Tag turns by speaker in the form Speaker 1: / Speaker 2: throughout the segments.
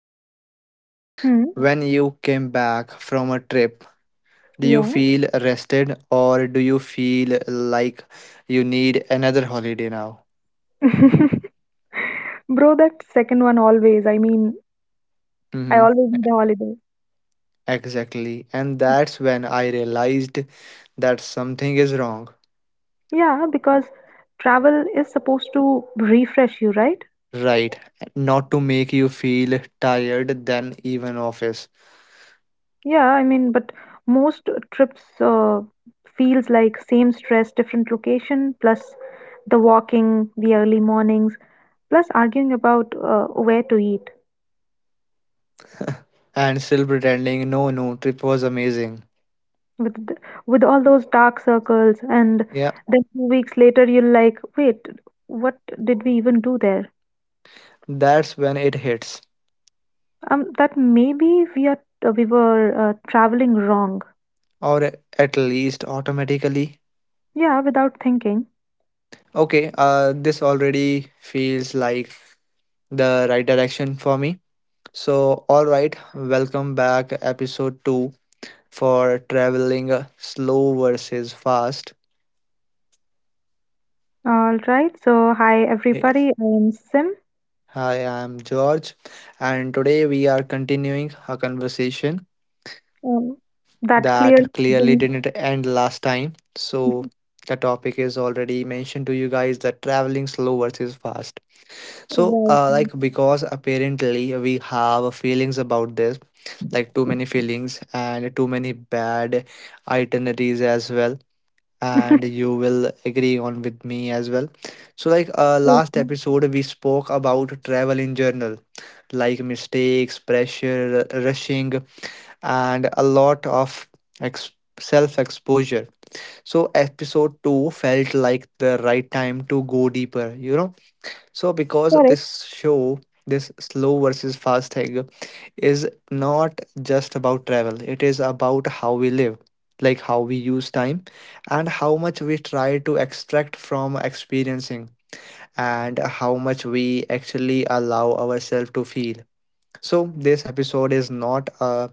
Speaker 1: honestly.
Speaker 2: Hmm,
Speaker 1: When you came back from a trip, do you
Speaker 2: yeah.
Speaker 1: feel rested or do you feel like you need another holiday now?
Speaker 2: Bro, that second one always. I mean, I
Speaker 1: Mm-hmm,
Speaker 2: always need a holiday.
Speaker 1: exactly. And that's when I realized that something is wrong.
Speaker 2: Yeah, because travel is supposed to refresh you, right?
Speaker 1: Right. Not to make you feel tired than even office
Speaker 2: Yeah, I mean, but most trips feels like same stress, different location, plus the walking, the early mornings, plus arguing about where to eat
Speaker 1: and still pretending no, no trip was amazing.
Speaker 2: with th- with all those dark circles, and
Speaker 1: Yeah,
Speaker 2: then 2 weeks later you're like, wait, what did we even do there?
Speaker 1: that's when it hits,
Speaker 2: That maybe we were traveling wrong.
Speaker 1: or at least automatically.
Speaker 2: Yeah, without thinking.
Speaker 1: Okay, this already feels like the right direction for me. So, all right, welcome back, episode 2 for traveling slow versus fast.
Speaker 2: All right. So hi
Speaker 1: Hey,
Speaker 2: everybody. I'm Sim.
Speaker 1: hi, I'm George, and today we are continuing a conversation
Speaker 2: Um, that clearly
Speaker 1: that clearly
Speaker 2: didn't.
Speaker 1: didn't end last time. So, the topic is already mentioned to you guys that traveling slow versus fast. So,
Speaker 2: Right.
Speaker 1: like, because apparently we have feelings about this, like too many feelings and too many bad itineraries as well, and you will agree on with me as well. So, like,
Speaker 2: Right.
Speaker 1: last episode we spoke about travel in general, like mistakes, pressure, rushing, and a lot of ex- self exposure. So, episode 2 felt like the right time to go deeper, you know. So, because
Speaker 2: Correct.
Speaker 1: this show, this slow versus fast thing is not just about travel, it is about how we live, like how we use time and how much we try to extract from experiencing and how much we actually allow ourselves to feel. So, this episode is not a,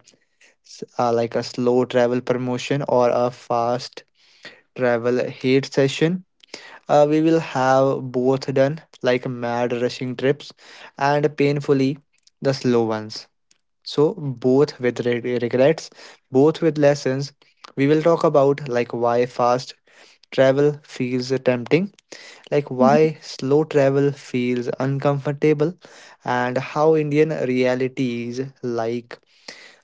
Speaker 1: s- a like a slow travel promotion or a fast travel hate session. We will have both done, like mad rushing trips and painfully the slow ones. So, both with regrets, both with lessons, we will talk about, like, why fast travel feels tempting, like
Speaker 2: Mhm.
Speaker 1: why slow travel feels uncomfortable, and how Indian realities, like,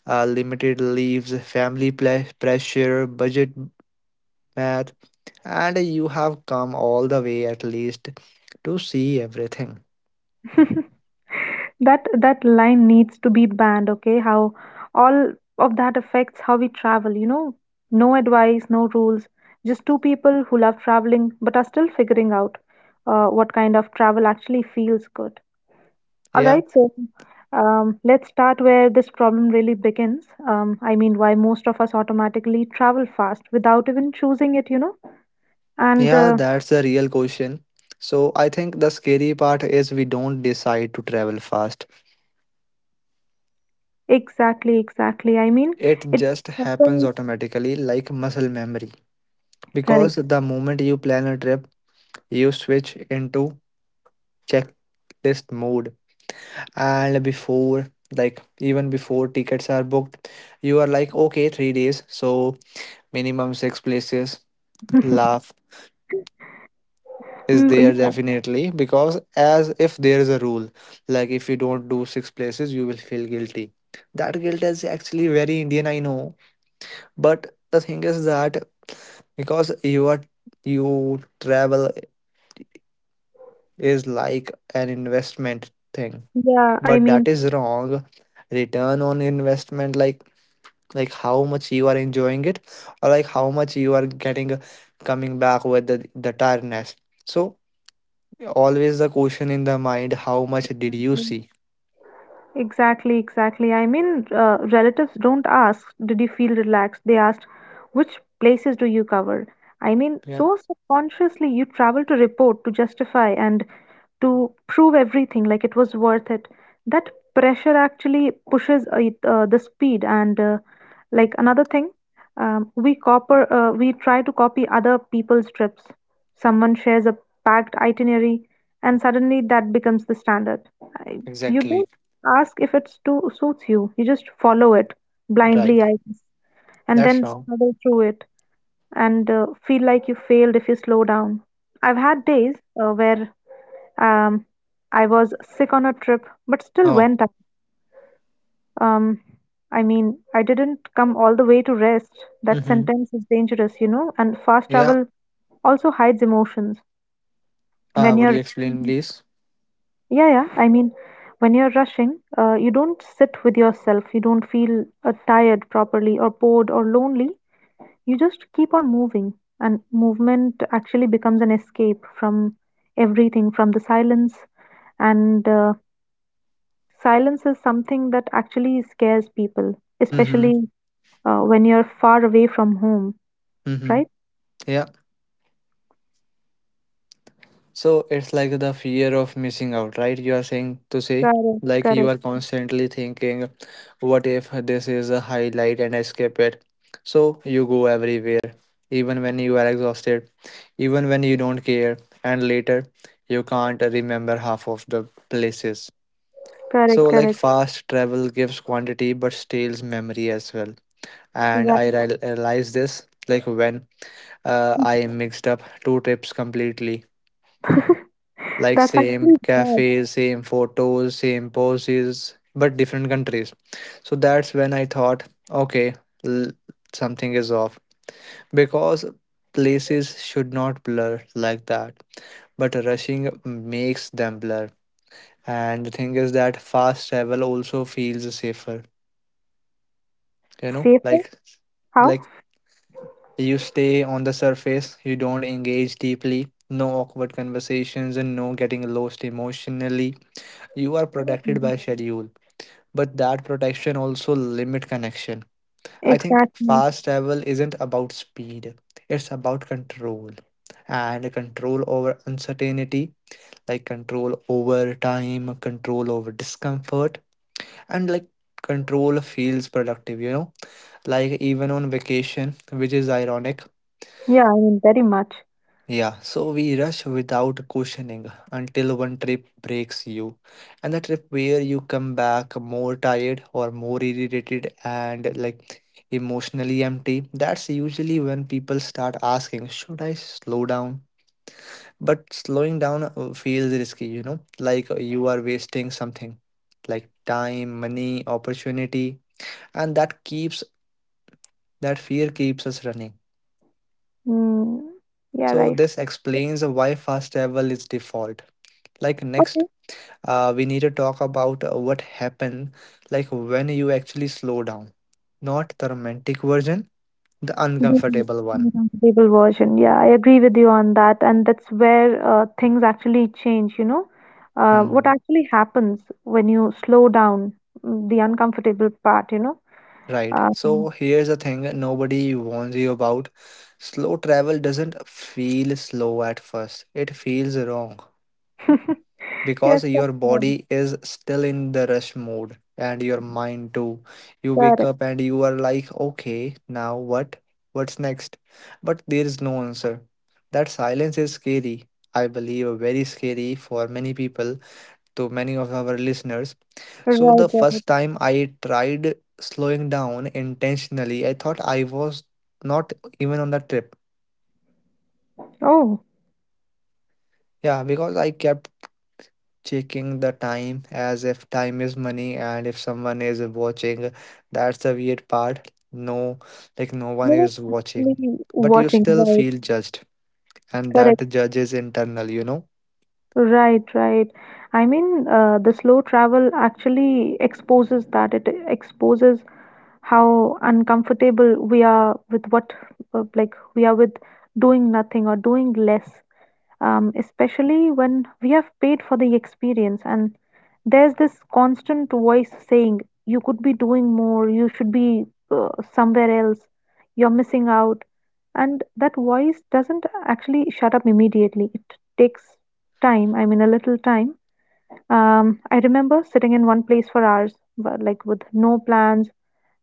Speaker 1: limited leaves, family pressure, budget math, and you have come all the way at least to see everything.
Speaker 2: That line needs to be banned. Okay, how all of that affects how we travel. You know, no advice, no rules. Just two people who love traveling but are still figuring out what kind of travel actually feels good. All
Speaker 1: Yeah.
Speaker 2: right, so let's start where this problem really begins. I mean, why most of us automatically travel fast without even choosing it, you know? And
Speaker 1: Yeah, that's a real question. So I think the scary part is we don't decide to travel fast.
Speaker 2: exactly, exactly. I mean,
Speaker 1: It
Speaker 2: it
Speaker 1: just happens
Speaker 2: happens.
Speaker 1: automatically, like muscle memory.
Speaker 2: Correct.
Speaker 1: Because the moment you plan a trip, you switch into checklist mode. And before, like even before tickets are booked, you are like, okay, 3 days, so minimum six places. Laugh is
Speaker 2: Mm,
Speaker 1: there
Speaker 2: yeah,
Speaker 1: definitely, because, as if there is a rule, like if you don't do six places you will feel guilty. That guilt is actually very Indian, I know. But the thing is that, because you are, you, travel is like an investment thing,
Speaker 2: yeah, I
Speaker 1: but that
Speaker 2: mean,
Speaker 1: is wrong. Return on investment, like how much you are enjoying it, or like how much you are getting, coming back with the tiredness. So, always the question in the mind, how much did you see?
Speaker 2: exactly, exactly. I mean, relatives don't ask, did you feel relaxed? They asked, which places do you cover? I mean,
Speaker 1: Yeah,
Speaker 2: so subconsciously you travel to report, to justify, and to prove everything like it was worth it. That pressure actually pushes the speed, and like another thing, we try to copy other people's trips. Someone shares a packed itinerary, and suddenly that becomes the standard. I, you
Speaker 1: exactly.
Speaker 2: don't ask if it's to suits you, you just follow it
Speaker 1: Right.
Speaker 2: blindly, I guess, and
Speaker 1: That's
Speaker 2: then
Speaker 1: wrong.
Speaker 2: struggle through it and feel like you failed if you slow down. I've had days where, um, I was sick on a trip, but still
Speaker 1: Oh.
Speaker 2: went out. Um, I mean, I didn't come all the way to rest. That
Speaker 1: Mm-hmm.
Speaker 2: sentence is dangerous, you know, and fast
Speaker 1: Yeah.
Speaker 2: travel also hides emotions. When
Speaker 1: Would
Speaker 2: you're
Speaker 1: you explain,
Speaker 2: rushing,
Speaker 1: please?
Speaker 2: yeah, yeah, I mean, when you're rushing, you don't sit with yourself. You don't feel tired properly or bored or lonely. You just keep on moving, and movement actually becomes an escape from everything, from the silence, and silence is something that actually scares people,
Speaker 1: Mm-hmm.
Speaker 2: especially when you're far away from home,
Speaker 1: Mm-hmm.
Speaker 2: right?
Speaker 1: Yeah. So it's like the fear of missing out, right? You are saying to say,
Speaker 2: Correct,
Speaker 1: like you
Speaker 2: correct,
Speaker 1: are constantly thinking, what if this is a highlight and I skip it? So you go everywhere, even when you are exhausted, even when you don't care, and later you can't remember half of the places. So,
Speaker 2: correct,
Speaker 1: like,
Speaker 2: correct.
Speaker 1: fast travel gives quantity but steals memory as well. And
Speaker 2: Right.
Speaker 1: I realized this, like, when I mixed up two trips completely. Like
Speaker 2: That's
Speaker 1: same
Speaker 2: actually bad.
Speaker 1: cafes, same photos, same poses, but different countries. So that's when I thought, okay, l- something is off, because places should not blur like that. But rushing makes them blur. And the thing is that fast travel also feels safer you know
Speaker 2: Safer?
Speaker 1: like
Speaker 2: How?
Speaker 1: Like, you stay on the surface, you don't engage deeply, no awkward conversations, and no getting lost emotionally. You are protected
Speaker 2: Mm.
Speaker 1: by schedule, but that protection also limit connection. I think
Speaker 2: Exactly.
Speaker 1: fast travel isn't about speed, it's about control, and control over uncertainty, like control over time, control over discomfort, and, like, control feels productive, like, even on vacation, which is ironic.
Speaker 2: Yeah, I mean, very much.
Speaker 1: Yeah, so we rush without questioning until one trip breaks you. And the trip where you come back more tired or more irritated and, like, emotionally empty, that's usually when people start asking, should I slow down? But slowing down feels risky, like you are wasting something, like time, money, opportunity, and that keeps, that fear keeps us running.
Speaker 2: Mm, yeah,
Speaker 1: So,
Speaker 2: right.
Speaker 1: this explains why fast travel is default, like next
Speaker 2: Okay.
Speaker 1: we need to talk about what happened, like when you actually slow down, not the romantic version, the
Speaker 2: The
Speaker 1: uncomfortable one.
Speaker 2: uncomfortable version. Yeah, I agree with you on that. And that's where things actually change, you know. What
Speaker 1: Mhm.
Speaker 2: actually happens when you slow down, mm, the uncomfortable part, you know?
Speaker 1: Right, so
Speaker 2: Um,
Speaker 1: here's the thing nobody warns you about: slow travel doesn't feel slow at first, it feels wrong,
Speaker 2: yes,
Speaker 1: because
Speaker 2: that's
Speaker 1: your
Speaker 2: right.
Speaker 1: body is still in the rush mode and your mind too. You wake
Speaker 2: Correct.
Speaker 1: up and you are like, okay, now what? What's next? But there is no answer. That silence is scary. I believe very scary for many people, to many of our listeners.
Speaker 2: Right,
Speaker 1: So, the
Speaker 2: right.
Speaker 1: first time I tried slowing down intentionally, I thought I was not even on the trip.
Speaker 2: Oh,
Speaker 1: Yeah, because I kept checking the time as if time is money and if someone is watching. That's the weird part, no? Like, no one
Speaker 2: no one's
Speaker 1: is watching,
Speaker 2: actually
Speaker 1: but you
Speaker 2: watching.
Speaker 1: still
Speaker 2: Right,
Speaker 1: feel judged, and
Speaker 2: correct.
Speaker 1: that judge is internal.
Speaker 2: Right, right. I mean, the slow travel actually exposes that. It exposes how uncomfortable we are with uh, like we are with doing nothing or doing less, especially when we have paid for the experience, and there's this constant voice saying you could be doing more, you should be somewhere else, you're missing out, and that voice doesn't actually shut up immediately. It takes time, I mean a little time. I remember sitting in one place for hours but like with no plans.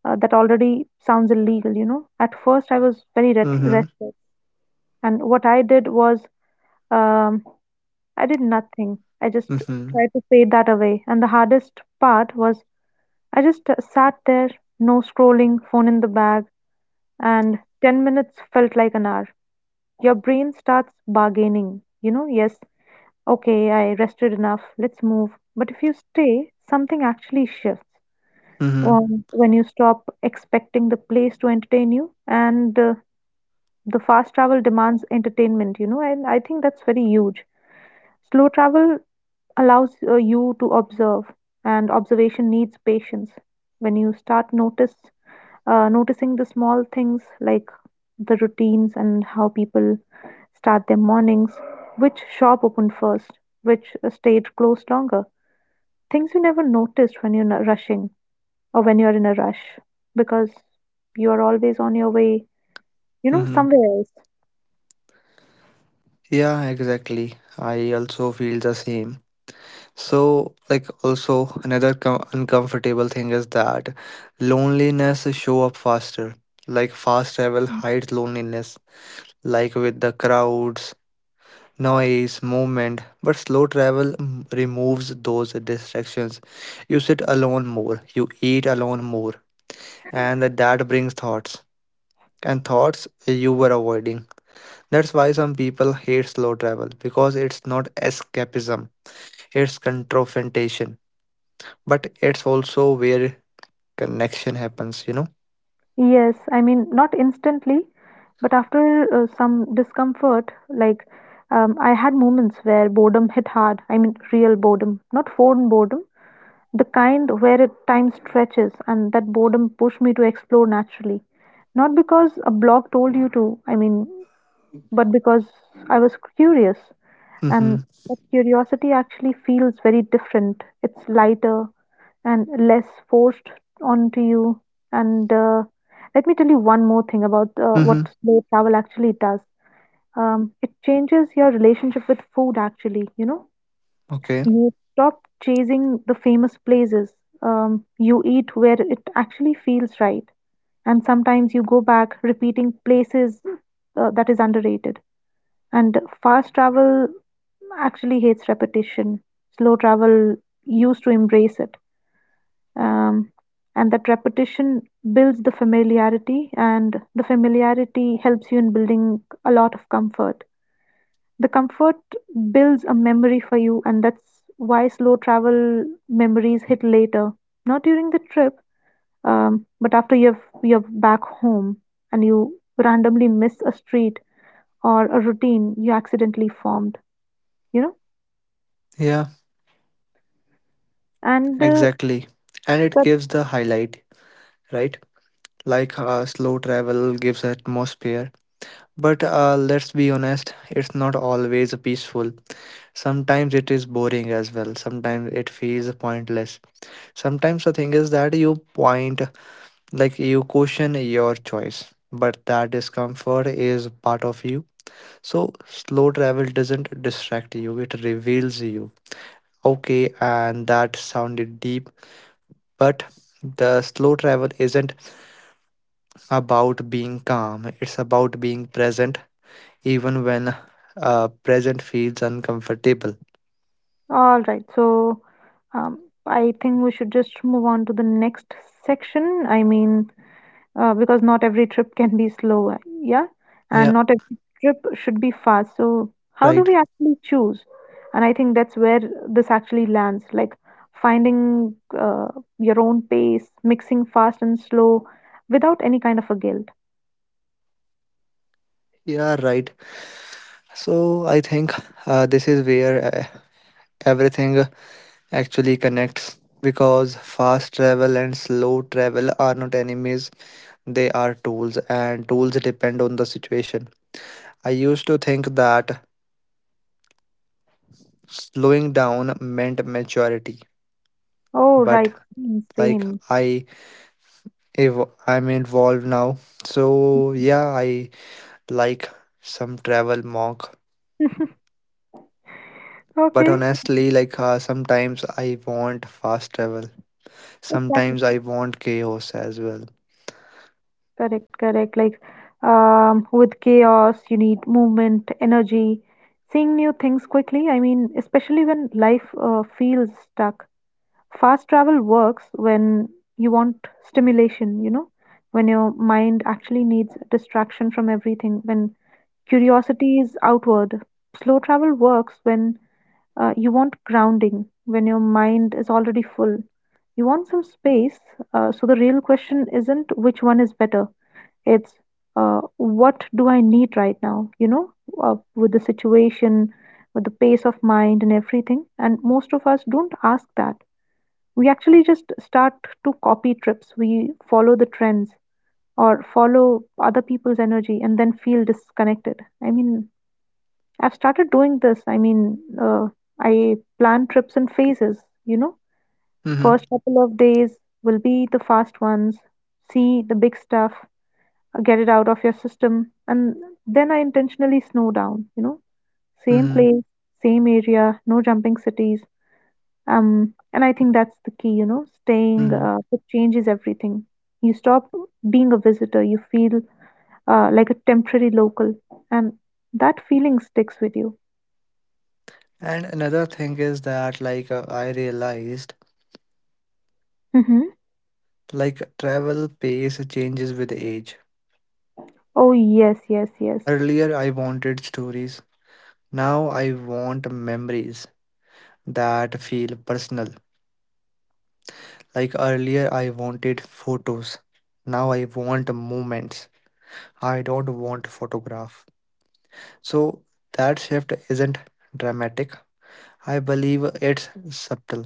Speaker 2: That already sounds illegal, you know. At first, I was very
Speaker 1: Mm-hmm.
Speaker 2: restless, and what I did was, um, I did nothing. I just
Speaker 1: Mm-hmm.
Speaker 2: tried to fade that away. And the hardest part was I just sat there, no scrolling, phone in the bag, and 10 minutes felt like an hour. Your brain starts bargaining, you know, yes, okay, I rested enough, let's move. But if you stay, something actually shifts,
Speaker 1: Mm-hmm.
Speaker 2: when you stop expecting the place to entertain you, and the fast travel demands entertainment, you know, and I think that's very huge. Slow travel allows you to observe, and observation needs patience. When you start notice noticing the small things like the routines and how people start their mornings, which shop opened first, which stage closed longer. Things you never noticed rushing or when you're in a rush, because you are always on your way, you know,
Speaker 1: Mm-hmm.
Speaker 2: somewhere else.
Speaker 1: Yeah, exactly, I also feel the same. So, like, also, another uncomfortable thing is that loneliness show up faster. Like, fast travel hides loneliness, like with the crowds, noise, movement, but slow travel removes those distractions. You sit alone more, you eat alone more, and that brings thoughts, and thoughts you were avoiding. That's why some people hate slow travel, because it's not escapism, it's confrontation, but it's also where connection happens.
Speaker 2: Yes, I mean, not instantly, but after some discomfort, like, I had moments where boredom hit hard. I mean, real boredom, not phone boredom, the kind where it, time stretches, and that boredom pushed me to explore naturally. Not because a blog told you to, I mean, but because I was curious.
Speaker 1: Mm-hmm.
Speaker 2: And that curiosity actually feels very different. It's lighter and less forced onto you. And let me tell you one more thing about what
Speaker 1: Mm-hmm.
Speaker 2: slow travel actually does. It changes your relationship with food, actually. You know,
Speaker 1: Okay.
Speaker 2: you stop chasing the famous places. You eat where it actually feels right. And sometimes you go back repeating places, that is underrated. And fast travel actually hates repetition. Slow travel used to embrace it. Um, and that repetition builds the familiarity, and the familiarity helps you in building a lot of comfort. The comfort builds a memory for you, and that's why slow travel memories hit later. Not during the trip, but after you're back home and you randomly miss a street or a routine you accidentally formed, you know.
Speaker 1: Yeah,
Speaker 2: And
Speaker 1: exactly. And it
Speaker 2: but
Speaker 1: gives the highlight, right? Like, slow travel gives atmosphere. But let's be honest, it's not always peaceful. Sometimes it is boring as well. Sometimes it feels pointless. Sometimes the thing is that you point, like, you question your choice, but that discomfort is part of you. So slow travel doesn't distract you, it reveals you. Okay, and that sounded deep, but the slow travel isn't about being calm, it's about being present even when present feels uncomfortable.
Speaker 2: all right, so, I think we should just move on to the next section. I mean, because not every trip can be slow, yeah, and
Speaker 1: Yeah,
Speaker 2: not every trip should be fast. So how do
Speaker 1: right.
Speaker 2: we actually choose? And I think that's where this actually lands, like finding your own pace, mixing fast and slow without any kind of a guilt.
Speaker 1: Yeah, right. So I think this is where everything actually connects, because fast travel and slow travel are not enemies, they are tools, and tools depend on the situation. I used to think that slowing down meant maturity,
Speaker 2: Oh,
Speaker 1: but,
Speaker 2: right, same.
Speaker 1: like,
Speaker 2: Same.
Speaker 1: I, if I'm involved now, so yeah, I, like, some travel monk. But
Speaker 2: Okay,
Speaker 1: honestly, like, sometimes I want fast travel.
Speaker 2: exactly.
Speaker 1: Sometimes I want chaos as well.
Speaker 2: Correct, correct. Like, with chaos, you need movement, energy, seeing new things quickly. I mean, especially when life feels stuck. Fast travel works when you want stimulation, you know, when your mind actually needs distraction from everything, when curiosity is outward. Slow travel works when you want grounding when your mind is already full. You want some space. So the real question isn't which one is better. It's what do I need right now? You know, with the situation, with the pace of mind and everything. And most of us don't ask that. We actually just start to copy trips. We follow the trends or follow other people's energy and then feel disconnected. I mean, I've started doing this. I mean, I plan trips in phases, you know.
Speaker 1: Mm-hmm.
Speaker 2: First couple of days will be the fast ones, see the big stuff, get it out of your system, and then I intentionally snow down, you know. Same
Speaker 1: Mm-hmm.
Speaker 2: place, same area, no jumping cities. And I think that's the key, you know, staying
Speaker 1: Mm-hmm.
Speaker 2: it changes everything. You stop being a visitor, you feel like a temporary local, and that feeling sticks with you.
Speaker 1: And another thing is that, like, I realized, like, travel pace changes with age.
Speaker 2: Oh yes, yes, yes.
Speaker 1: Earlier I wanted stories. Now I want memories that feel personal. Like earlier I wanted photos. Now I want moments. I don't want photograph. So that shift isn't dramatic, I believe it's subtle.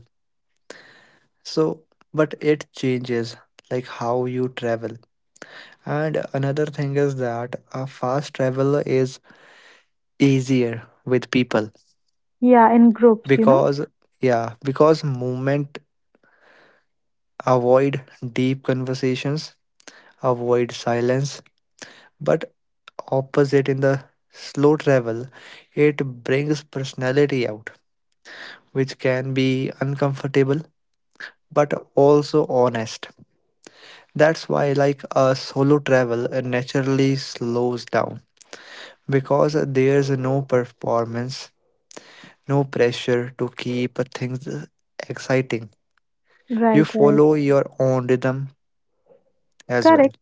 Speaker 1: So, but it changes, like, how you travel. And another thing is that a fast travel is easier with people,
Speaker 2: Yeah, in groups, you know.
Speaker 1: because, yeah, because movement avoid deep conversations, avoid silence. But opposite in the slow travel, it brings personality out, which can be uncomfortable but also honest. That's why, like a solo travel, naturally slows down, because there's no performance, no pressure to keep things exciting. You
Speaker 2: Right, right.
Speaker 1: follow your own rhythm as well.
Speaker 2: Correct.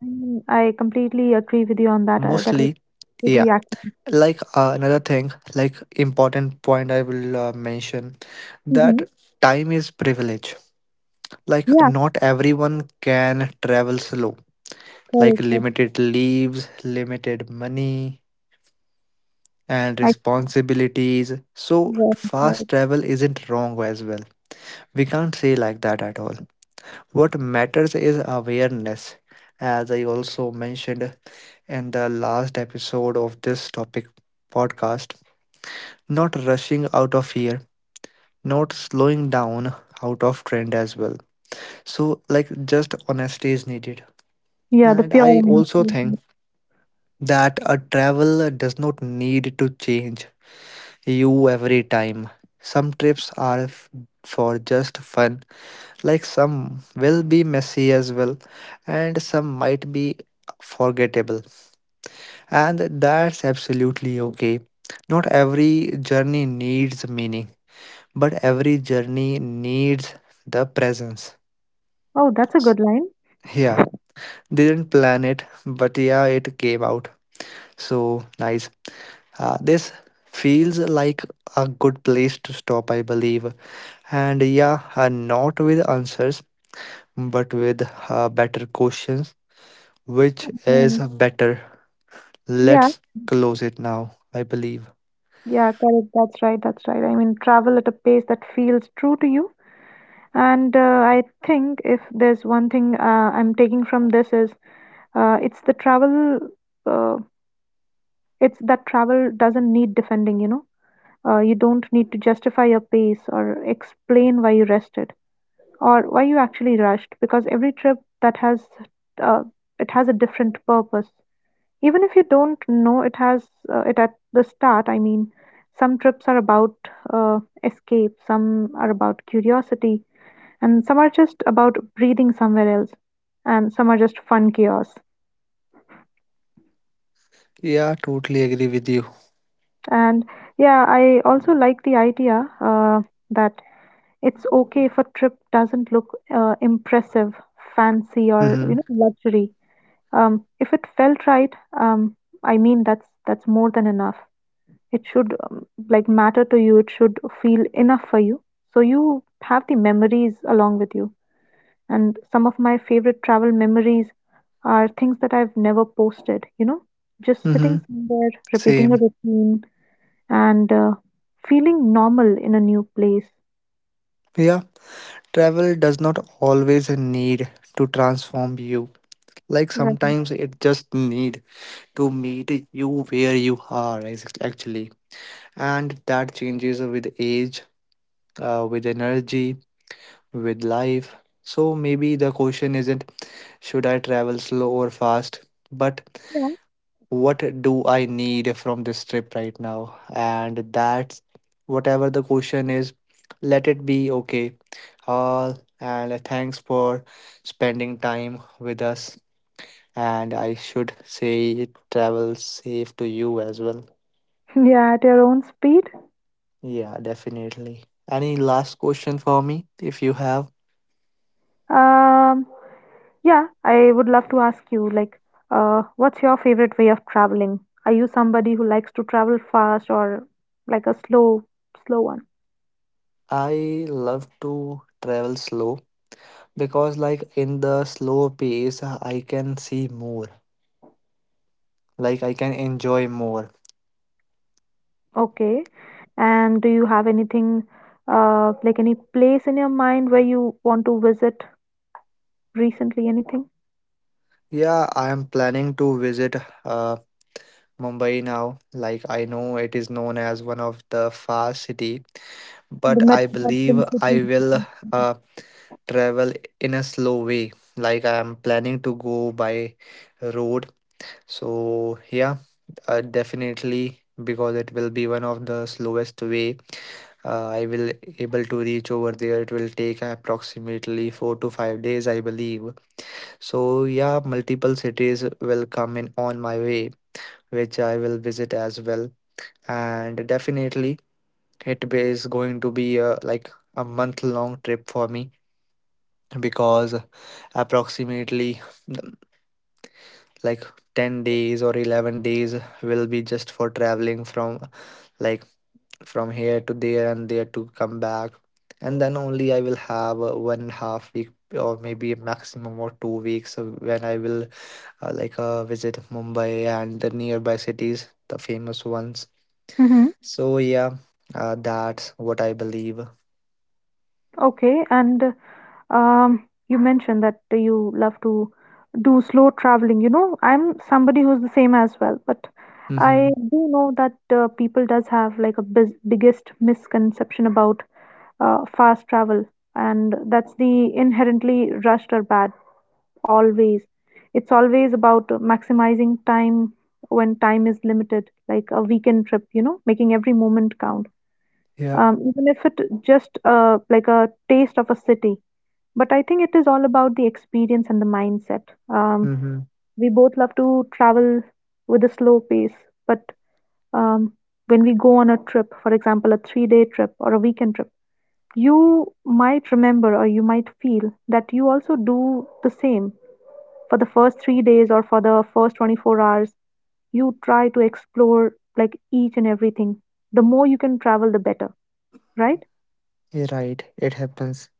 Speaker 2: I completely agree with you on that. That was
Speaker 1: Mostly, yeah.
Speaker 2: pretty accurate.
Speaker 1: Like, another thing, like important point I will mention,
Speaker 2: Hmm.
Speaker 1: that time is privilege. Like,
Speaker 2: Yeah,
Speaker 1: not everyone can travel slow. Like
Speaker 2: correct. Correct.
Speaker 1: limited leaves, limited money, and
Speaker 2: I
Speaker 1: responsibilities. So,
Speaker 2: right, right.
Speaker 1: fast travel isn't wrong as well. We can't say like that at all. What matters is awareness, as I also mentioned in the last episode of this topic podcast. Not rushing out of fear, not slowing down out of trend as well. So, like, just honesty is needed.
Speaker 2: Yeah, the
Speaker 1: And
Speaker 2: pure
Speaker 1: I
Speaker 2: honesty.
Speaker 1: also think
Speaker 2: Right.
Speaker 1: that a travel does not need to change you every time. Some trips are for just fun, like some will be messy as well, and some might be forgettable. And that's absolutely okay. Not every journey needs meaning, but every journey needs the presence.
Speaker 2: Oh, that's a good line.
Speaker 1: Yeah, didn't plan it, but yeah, it came out. So nice. This feels like a good place to stop, I believe. And yeah, not with answers, but with better questions. Which is
Speaker 2: Um,
Speaker 1: better?
Speaker 2: yeah,
Speaker 1: Let's close it now, I believe.
Speaker 2: yeah, correct. That's right. That's right. I mean, travel at a pace that feels true to you. And I think if there's one thing I'm taking from this is, uh, it's the travel, uh, it's that travel doesn't need defending, you know. You don't need to justify your pace or explain why you rested or why you actually rushed, because every trip that has uh, it has a different purpose. Even if you don't know it at the start, I mean, some trips are about escape, some are about curiosity, and some are just about breathing somewhere else, and some are just fun chaos.
Speaker 1: Yeah, totally agree with you.
Speaker 2: And yeah, I also like the idea that it's okay if a trip doesn't look impressive, fancy, or you know
Speaker 1: Mm-hmm.
Speaker 2: luxury. If it felt right, um, I mean that's more than enough. It should like matter to you. It should feel enough for you, so you have the memories along with you. And some of my favorite travel memories are things that I've never posted, you know, just
Speaker 1: Mm-hmm.
Speaker 2: sitting somewhere, repeating a
Speaker 1: Same.
Speaker 2: routine, and feeling normal in a new place.
Speaker 1: Yeah, travel does not always need to transform you. Like
Speaker 2: Right.
Speaker 1: sometimes it just need to meet you where you are, actually. And that changes with age, with energy, with life. So maybe the question isn't, should I travel slow or fast? But
Speaker 2: Yeah.
Speaker 1: what do I need from this trip right now? And that's, whatever the question is, let it be okay. All, and thanks for spending time with us. And I should say, travel safe to you as well.
Speaker 2: Yeah, at your own speed.
Speaker 1: Yeah, definitely. Any last question for me? If you have.
Speaker 2: Um, yeah, I would love to ask you, like, what's your favorite way of traveling? Are you somebody who likes to travel fast or like a slow one?
Speaker 1: I love to travel slow, because, like, in the slow pace I can see more, like I can enjoy more.
Speaker 2: Okay. And do you have anything, like any place in your mind where you want to visit recently? Anything?
Speaker 1: Yeah, I am planning to visit uh, Mumbai now. Like, I know it is known as one of the fast city,
Speaker 2: The
Speaker 1: but I believe
Speaker 2: metropolitan
Speaker 1: I
Speaker 2: city.
Speaker 1: will uh, travel in a slow way. Like I am planning to go by road. So yeah, definitely, because it will be one of the slowest way I will able to reach over there. It will take approximately 4 to 5 days, I believe. So yeah, multiple cities will come in on my way, which I will visit as well. And definitely, it is going to be like a month long trip for me, because approximately like 10 days or 11 days will be just for traveling from, like, from here to there and there to come back, and then only I will have 1.5 week, or maybe a maximum or 2 weeks when I will, like, visit Mumbai and the nearby cities, the famous ones.
Speaker 2: Mm-hmm.
Speaker 1: So yeah, that's what I believe.
Speaker 2: Okay. And you mentioned that you love to do slow traveling. You know, I'm somebody who's the same as well, but
Speaker 1: Mm-hmm.
Speaker 2: I do know that people does have like a biz biggest misconception about fast travel, and that's the inherently rushed or bad. Always. It's always about maximizing time when time is limited, like a weekend trip, you know, making every moment count.
Speaker 1: Yeah.
Speaker 2: Even if it just like a taste of a city. But I think it is all about the experience and the mindset. Um,
Speaker 1: Mm-hmm.
Speaker 2: we both love to travel with a slow pace, but, um, when we go on a trip, for example, a 3 day trip or a weekend trip, you might remember or you might feel that you also do the same for the first 3 days or for the first 24 hours, you try to explore like each and everything. The more you can travel, the better, right?
Speaker 1: You're right, it happens.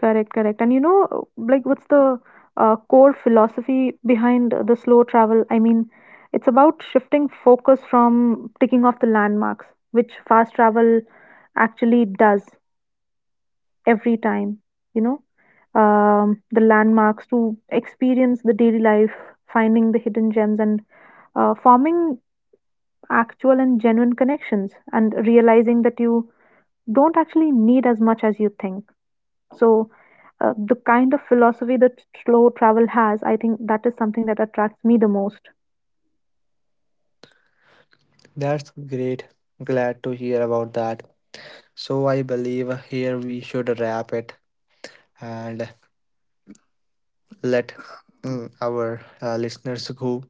Speaker 2: Correct, correct. And you know, like, what's the core philosophy behind the slow travel? I mean, it's about shifting focus from ticking off the landmarks, which fast travel actually does every time, you know, the landmarks to experience the daily life, finding the hidden gems, and forming actual and genuine connections and realizing that you don't actually need as much as you think. So, the kind of philosophy that slow travel has, I think that is something that attracts me the most.
Speaker 1: That's great, glad to hear about that. So I believe here we should wrap it and let, our listeners go,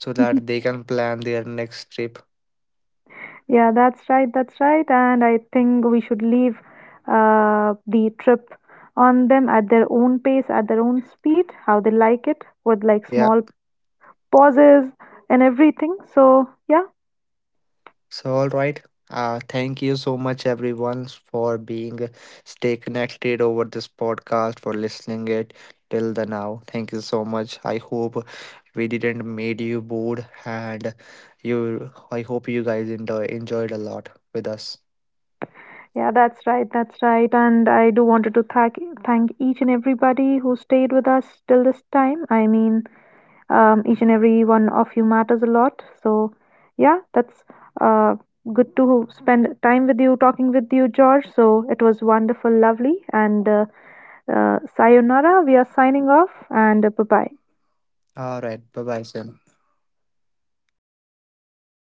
Speaker 1: so
Speaker 2: Mhm.
Speaker 1: that they can plan their next trip.
Speaker 2: Yeah, that's right, that's right. And I think we should leave the trip on them at their own pace, at their own speed, how they like it, with like
Speaker 1: Yeah.
Speaker 2: small pauses and everything. So, yeah.
Speaker 1: So all right. Thank you so much everyone for being, stay connected over this podcast for listening it till the now. Thank you so much. I hope we didn't made you bored, and you I hope you guys enjoyed a lot with us.
Speaker 2: Yeah, that's right, that's right. And I do wanted to thank each and everybody who stayed with us till this time. I mean, each and every one of you matters a lot. So, yeah, that's uh, good to spend time with you, talking with you, George. So it was wonderful, lovely, and sayonara. We are signing off, and bye bye.
Speaker 1: All right. Bye bye, Sim.